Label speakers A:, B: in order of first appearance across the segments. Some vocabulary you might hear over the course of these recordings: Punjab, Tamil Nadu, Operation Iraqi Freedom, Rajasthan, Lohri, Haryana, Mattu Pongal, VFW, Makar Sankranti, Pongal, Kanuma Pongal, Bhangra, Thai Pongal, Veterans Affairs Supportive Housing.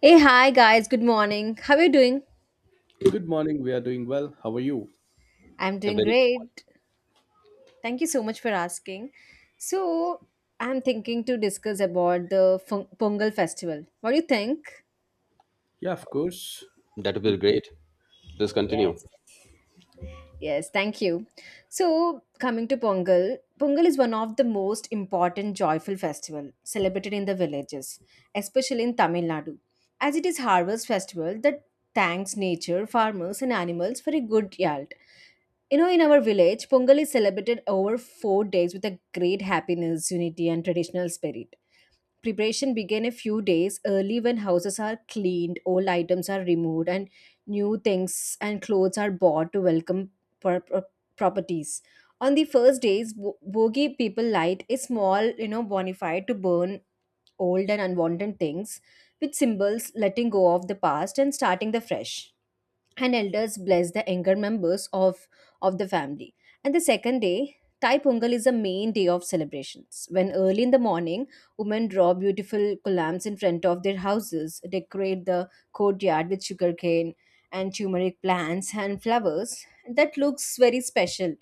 A: Hey, hi guys, good morning. How are you doing?
B: Good morning. We are doing well. How are you?
A: I'm
C: A
A: doing
C: very good point.
A: great. Thank you so much for asking. So, I'm thinking to discuss about the Pongal festival. What do you think?
B: Yeah, of course.
C: That would be great. Please continue.
A: Yes. Yes, thank you. So, coming to Pongal, Pongal is one of the most important joyful festival celebrated in the villages, especially in Tamil Nadu, as it is harvest festival that thanks nature, farmers and animals for a good year. You know, in our village, Pongal is celebrated over 4 days with a great happiness, unity, and traditional spirit. Preparation began a few days early when houses are cleaned, old items are removed, and new things and clothes are bought to welcome pro- pro- properties. On the first days, bogi people light a small, bonfire to burn old and unwanted things, which symbols letting go of the past and starting the fresh and elders bless the younger members of the family. And the second day, Thai Pongal is a main day of celebrations. When early in the morning, women draw beautiful columns in front of their houses, decorate the courtyard with sugarcane and turmeric plants and flowers. That looks very special.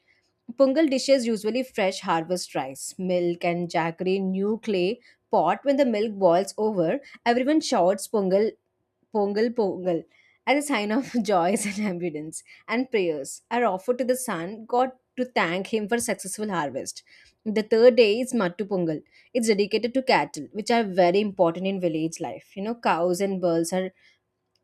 A: Pongal dishes usually fresh harvest rice, milk, and jaggery new clay pot. When the milk boils over, everyone shouts Pongal Pongal Pongal as a sign of joys and abundance, and prayers are offered to the sun god to thank him for successful harvest. The third day is Mattu Pongal. It's dedicated to cattle, which are very important in village life. You know, cows and bulls are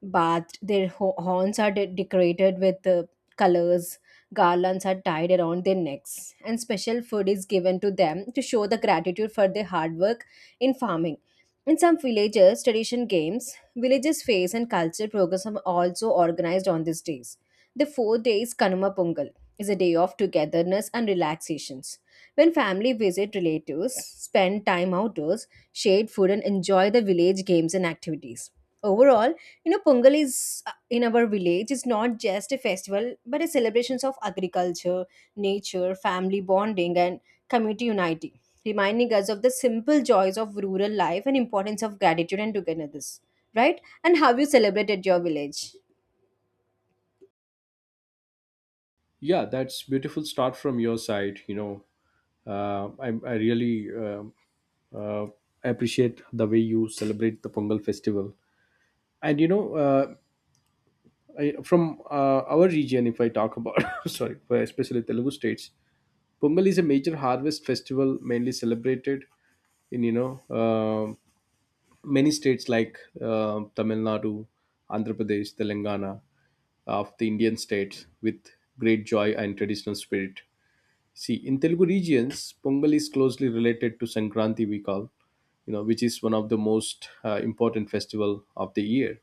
A: bathed. Their horns are decorated with colors, garlands are tied around their necks, and special food is given to them to show the gratitude for their hard work in farming. In some villages, tradition games, villages' face and cultural programs are also organized on these days. The 4 days Kanuma Pongal is a day of togetherness and relaxations. When family visit relatives, spend time outdoors, share food, and enjoy the village games and activities. Overall, you know, Pongal is in our village is not just a festival but a celebration of agriculture, nature, family bonding, and community unity, reminding us of the simple joys of rural life and importance of gratitude and togetherness. Right? And how you celebrate at your village?
B: Yeah, that's beautiful start from your side. I really uh, appreciate the way you celebrate the Pongal festival. And you know, uh, I, from our region, if I talk about, sorry, for especially Telugu states, Pongal is a major harvest festival mainly celebrated in um many states like Tamil Nadu, Andhra Pradesh, Telangana, of the Indian states with great joy and traditional spirit. See, in Telugu regions, Pongal is closely related to Sankranti, we call, you know, which is one of the most important festival of the year.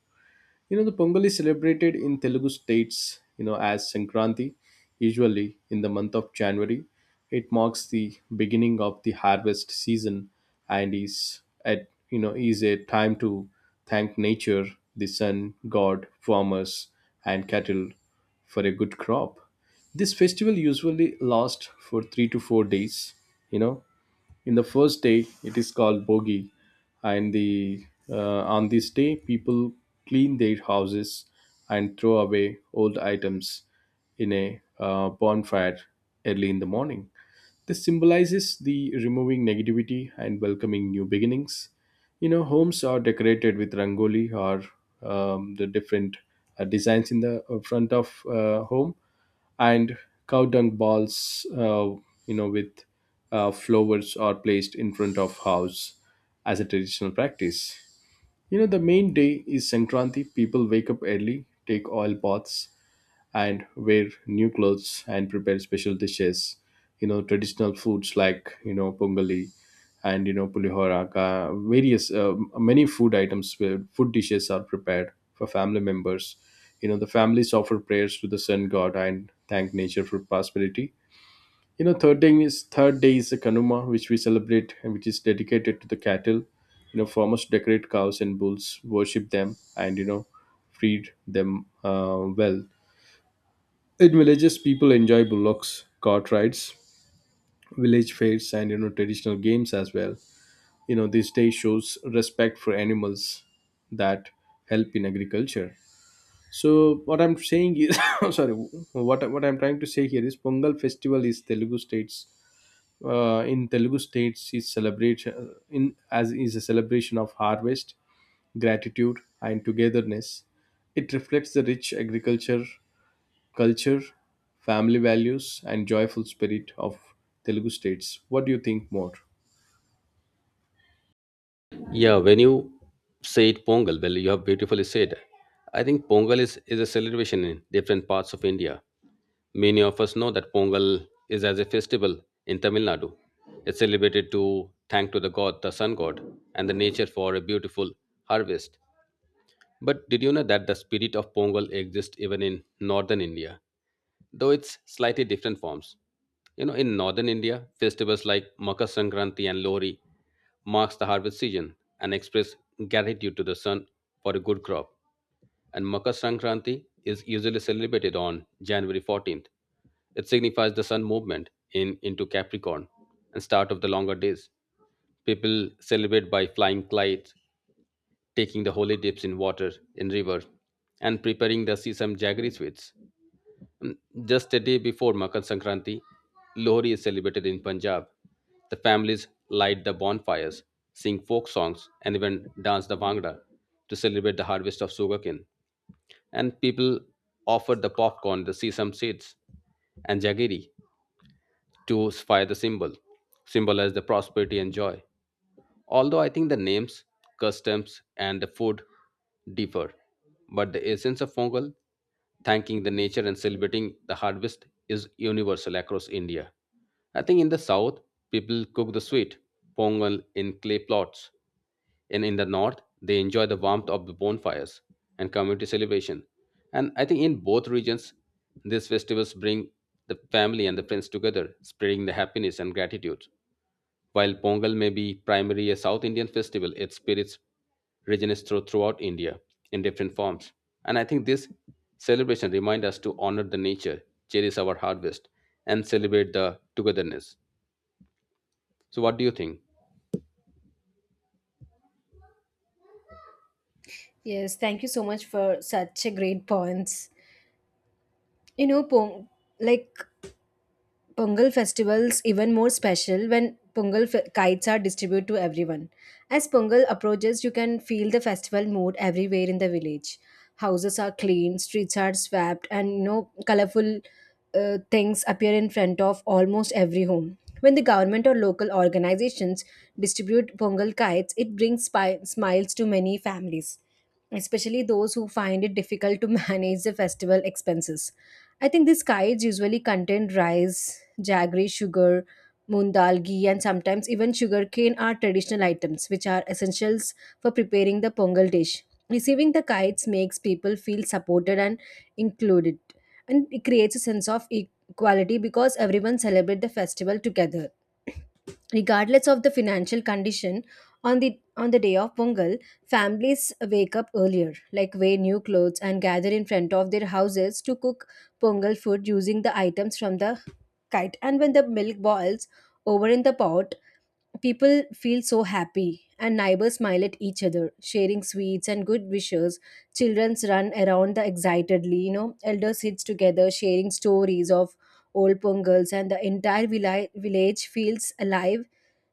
B: You know, the Pongal is celebrated in Telugu states, you know, as Sankranti, usually in the month of January. It marks the beginning of the harvest season and is at you know is a time to thank nature, the sun, God, farmers, and cattle for a good crop. This festival usually lasts for 3 to 4 days, you know, in the first day it is called bogi and the on this day people clean their houses and throw away old items in a bonfire early in the morning. This symbolizes the removing negativity and welcoming new beginnings. You know, homes are decorated with rangoli or the different designs in the front of home, and cow dung balls you know with flowers are placed in front of house as a traditional practice. You know, the main day is sankranti, people wake up early, take oil baths and wear new clothes and prepare special dishes. You know, traditional foods like you know pongali and you know pulihora, various many food items where food dishes are prepared for family members. You know, the families offer prayers to the sun god and thank nature for prosperity. You know, third day is the kanuma, which we celebrate and which is dedicated to the cattle. You know, farmers decorate cows and bulls, worship them, and you know feed them well. In villages, people enjoy bullocks, cart rides, village fairs, and you know traditional games as well. You know, this day shows respect for animals that help in agriculture. So what I'm saying is, sorry, what I'm trying to say here is Pongal festival is Telugu states. In Telugu states, is celebrate in as is a celebration of harvest, gratitude, and togetherness. It reflects the rich agriculture culture, family values, and joyful spirit of Telugu states. What do you think more?
C: Yeah, when you say it Pongal, well, you have beautifully said. I think Pongal is a celebration in different parts of India. Many of us know that Pongal is as a festival in Tamil Nadu. It's celebrated to thank to the god, the sun god, and the nature for a beautiful harvest. But did you know that the spirit of Pongal exists even in northern India, though it's slightly different forms? You know, in northern India, festivals like Makar Sankranti and Lori marks the harvest season and express gratitude to the sun for a good crop. And Makar Sankranti is usually celebrated on January 14th. It signifies the sun movement in into Capricorn and start of the longer days. People celebrate by flying kites, taking the holy dips in water in river, and preparing the sesame jaggery sweets. Um, Just a day before Makar Sankranti, Lohri is celebrated in Punjab. The families light the bonfires, sing folk songs, and even dance the Bhangra to celebrate the harvest of sugarcane. And people offer the popcorn, the sesame seeds, and jaggery to fire the symbol, symbolize the prosperity and joy. Although I think the names, customs, and the food differ, but the essence of Pongal, thanking the nature and celebrating the harvest, is universal across India. I think in the south, people cook the sweet Pongal in clay pots, and in the north, they enjoy the warmth of the bonfires and community celebration. And I think in both regions, these festivals bring the family and the friends together, spreading the happiness and gratitude. While Pongal may be primarily a South Indian festival, its spirits resonates throughout India in different forms. And I think this celebration reminds us to honor the nature, cherish our harvest, and celebrate the togetherness. So, what do you think?
A: Yes, thank you so much for such a great points. You know, Pong, like Pongal festivals even more special when kites are distributed to everyone. As Pongal approaches, you can feel the festival mood everywhere in the village. Houses are clean, streets are swept, and you know colorful things appear in front of almost every home. When the government or local organizations distribute Pongal kites, it brings smiles to many families, especially those who find it difficult to manage the festival expenses. I think these kites usually contain rice, jaggery sugar, moong dal, ghee, and sometimes even sugarcane are traditional items which are essentials for preparing the pongal dish. Receiving the kites makes people feel supported and included, and it creates a sense of equality because everyone celebrates the festival together regardless of the financial condition on the day of pongal, families wake up earlier like wear new clothes and gather in front of their houses to cook pongal food using the items from the kite, and when the milk boils over in the pot, people feel so happy, and neighbors smile at each other, sharing sweets and good wishes. Children run around the excitedly, you know, elders sit together, sharing stories of old Pongals, and the entire village feels alive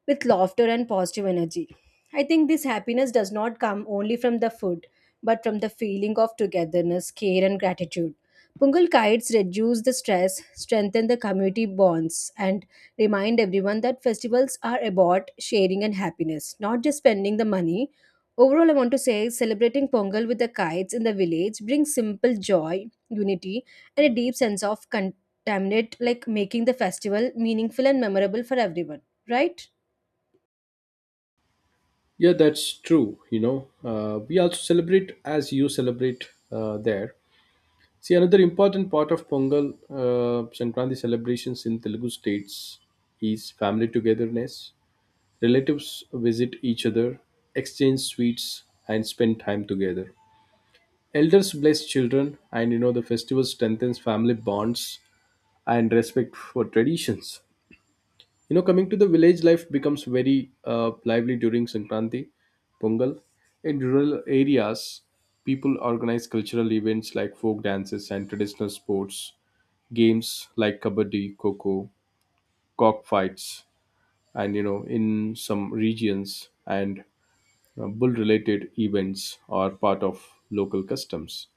A: with laughter and positive energy. I think this happiness does not come only from the food, but from the feeling of togetherness, care, and gratitude. Pungal kites reduce the stress, strengthen the community bonds, and remind everyone that festivals are about sharing and happiness, not just spending the money. Overall, I want to say celebrating Pongal with the kites in the village brings simple joy, unity, and a deep sense of contaminate, like making the festival meaningful and memorable for everyone, right?
B: Yeah, that's true. You know, we also celebrate as you celebrate there. See, another important part of Pongal Sankranti celebrations in Telugu states is family togetherness. Relatives visit each other, exchange sweets, and spend time together. Elders bless children, and you know the festival strengthens family bonds and respect for traditions. You know, coming to the village life becomes very lively during Sankranti, Pongal. In rural areas, people organize cultural events like folk dances and traditional sports, games like kabaddi, coco, cock fights, and you know, in some regions and bull-related events are part of local customs.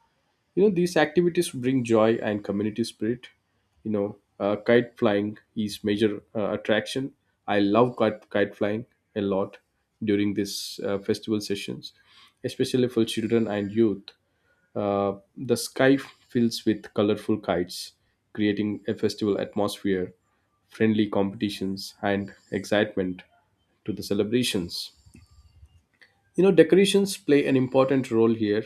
B: You know, these activities bring joy and community spirit. You know, kite flying is major attraction. I love kite flying a lot during these festival sessions, especially for children and youth. The sky fills with colorful kites, creating a festival atmosphere, friendly competitions and excitement to the celebrations. You know, decorations play an important role here.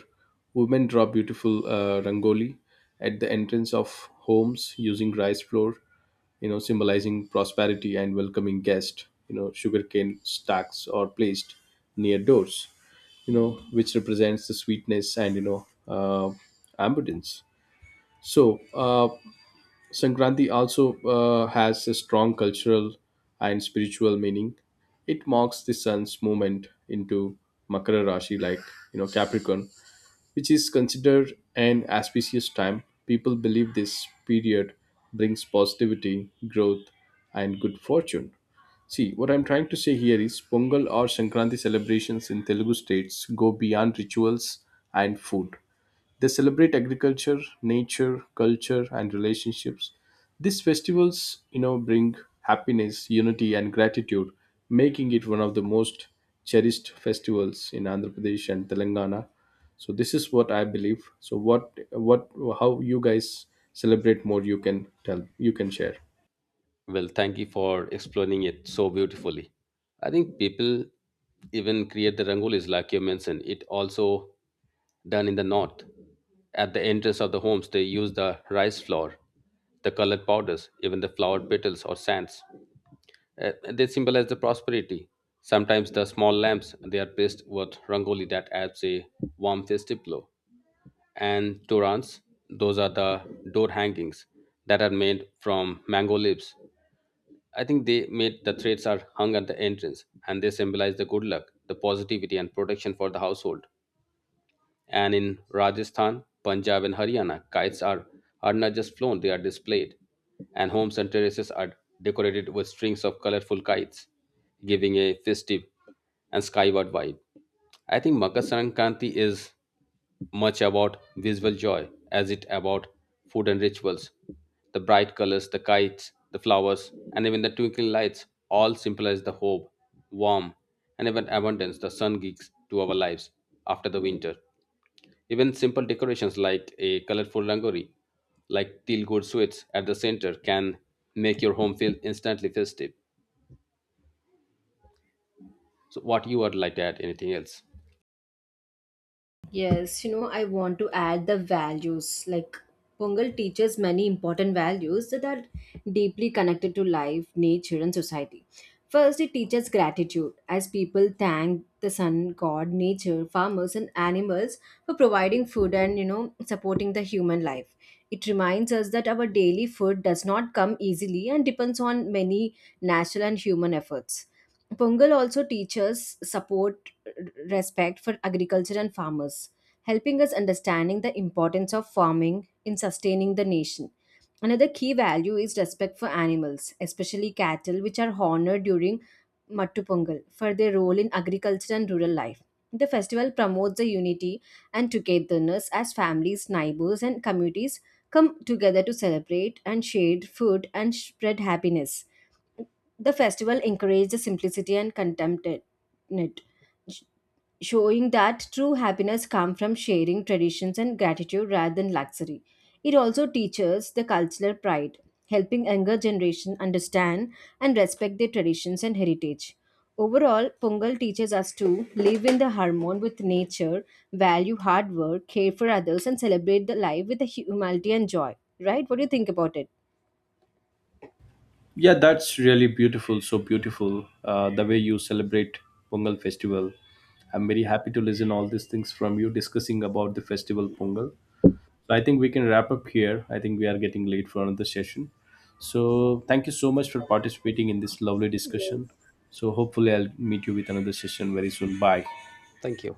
B: Women draw beautiful rangoli at the entrance of homes using rice flour, you know, symbolizing prosperity and welcoming guests. You know, sugarcane stacks are placed near doors, you know, which represents the sweetness and, you know, abundance. So, uh, Sankranti also has a strong cultural and spiritual meaning. It marks the sun's movement into Makara Rashi, like you know Capricorn, which is considered an auspicious time. People believe this period brings positivity, growth, and good fortune. See, what I'm trying to say here is Pongal or Sankranti celebrations in Telugu states go beyond rituals and food. They celebrate agriculture, nature, culture, and relationships. These festivals, you know, bring happiness, unity, and gratitude, making it one of the most cherished festivals in Andhra Pradesh and Telangana. So this is what I believe. So what how you guys celebrate more? You can tell. You can share.
C: Well, thank you for explaining it so beautifully. I think people even create the rangolis, like you mentioned. It also done in the north. At the entrance of the homes, they use the rice flour, the colored powders, even the flowered petals or sands. They symbolize the prosperity. Sometimes the small lamps they are placed with rangoli that adds a warm festive glow. And torans, those are the door hangings that are made from mango leaves. I think they made the threads are hung at the entrance, and they symbolize the good luck, the positivity, and protection for the household. And in Rajasthan, Punjab, and Haryana, kites are not just flown, they are displayed. And homes and terraces are decorated with strings of colorful kites, giving a festive and skyward vibe. I think Makar Sankranti is much about visual joy as it about food and rituals. The bright colors, the kites, the flowers, and even the twinkling lights all symbolize the hope, warmth, and even abundance the sun gives to our lives after the winter. Even simple decorations like a colorful rangori, like teal gold sweets at the center, can make your home feel instantly festive. So, what you would like to add? Anything else?
A: Yes, you know, I want to add the values. Like, Pongal teaches many important values that are deeply connected to life, nature, and society. First, it teaches gratitude, as people thank the sun, God, nature, farmers, and animals for providing food and, you know, supporting the human life. It reminds us that our daily food does not come easily and depends on many natural and human efforts. Pongal also teaches support respect for agriculture and farmers, helping us understanding the importance of farming in sustaining the nation. Another key value is respect for animals, especially cattle, which are honored during Mattu Pongal for their role in agriculture and rural life. The festival promotes the unity and togetherness as families, neighbors, and communities come together to celebrate and share food and spread happiness. The festival encourages simplicity and contentment showing that true happiness comes from sharing traditions and gratitude rather than luxury. It also teaches the cultural pride, helping younger generation understand and respect their traditions and heritage. Overall, Pongal teaches us to live in the harmony with nature, value hard work, care for others, and celebrate the life with the humility and joy. Right? What do you think about it?
B: Yeah, that's really beautiful. So beautiful. The way you celebrate Pongal festival. I'm very happy to listen all these things from you discussing about the festival Pongal. So I think we can wrap up here. I think we are getting late for another session. So thank you so much for participating in this lovely discussion.
A: Yes.
B: So hopefully I'll meet you with another session very soon. Bye.
C: Thank you.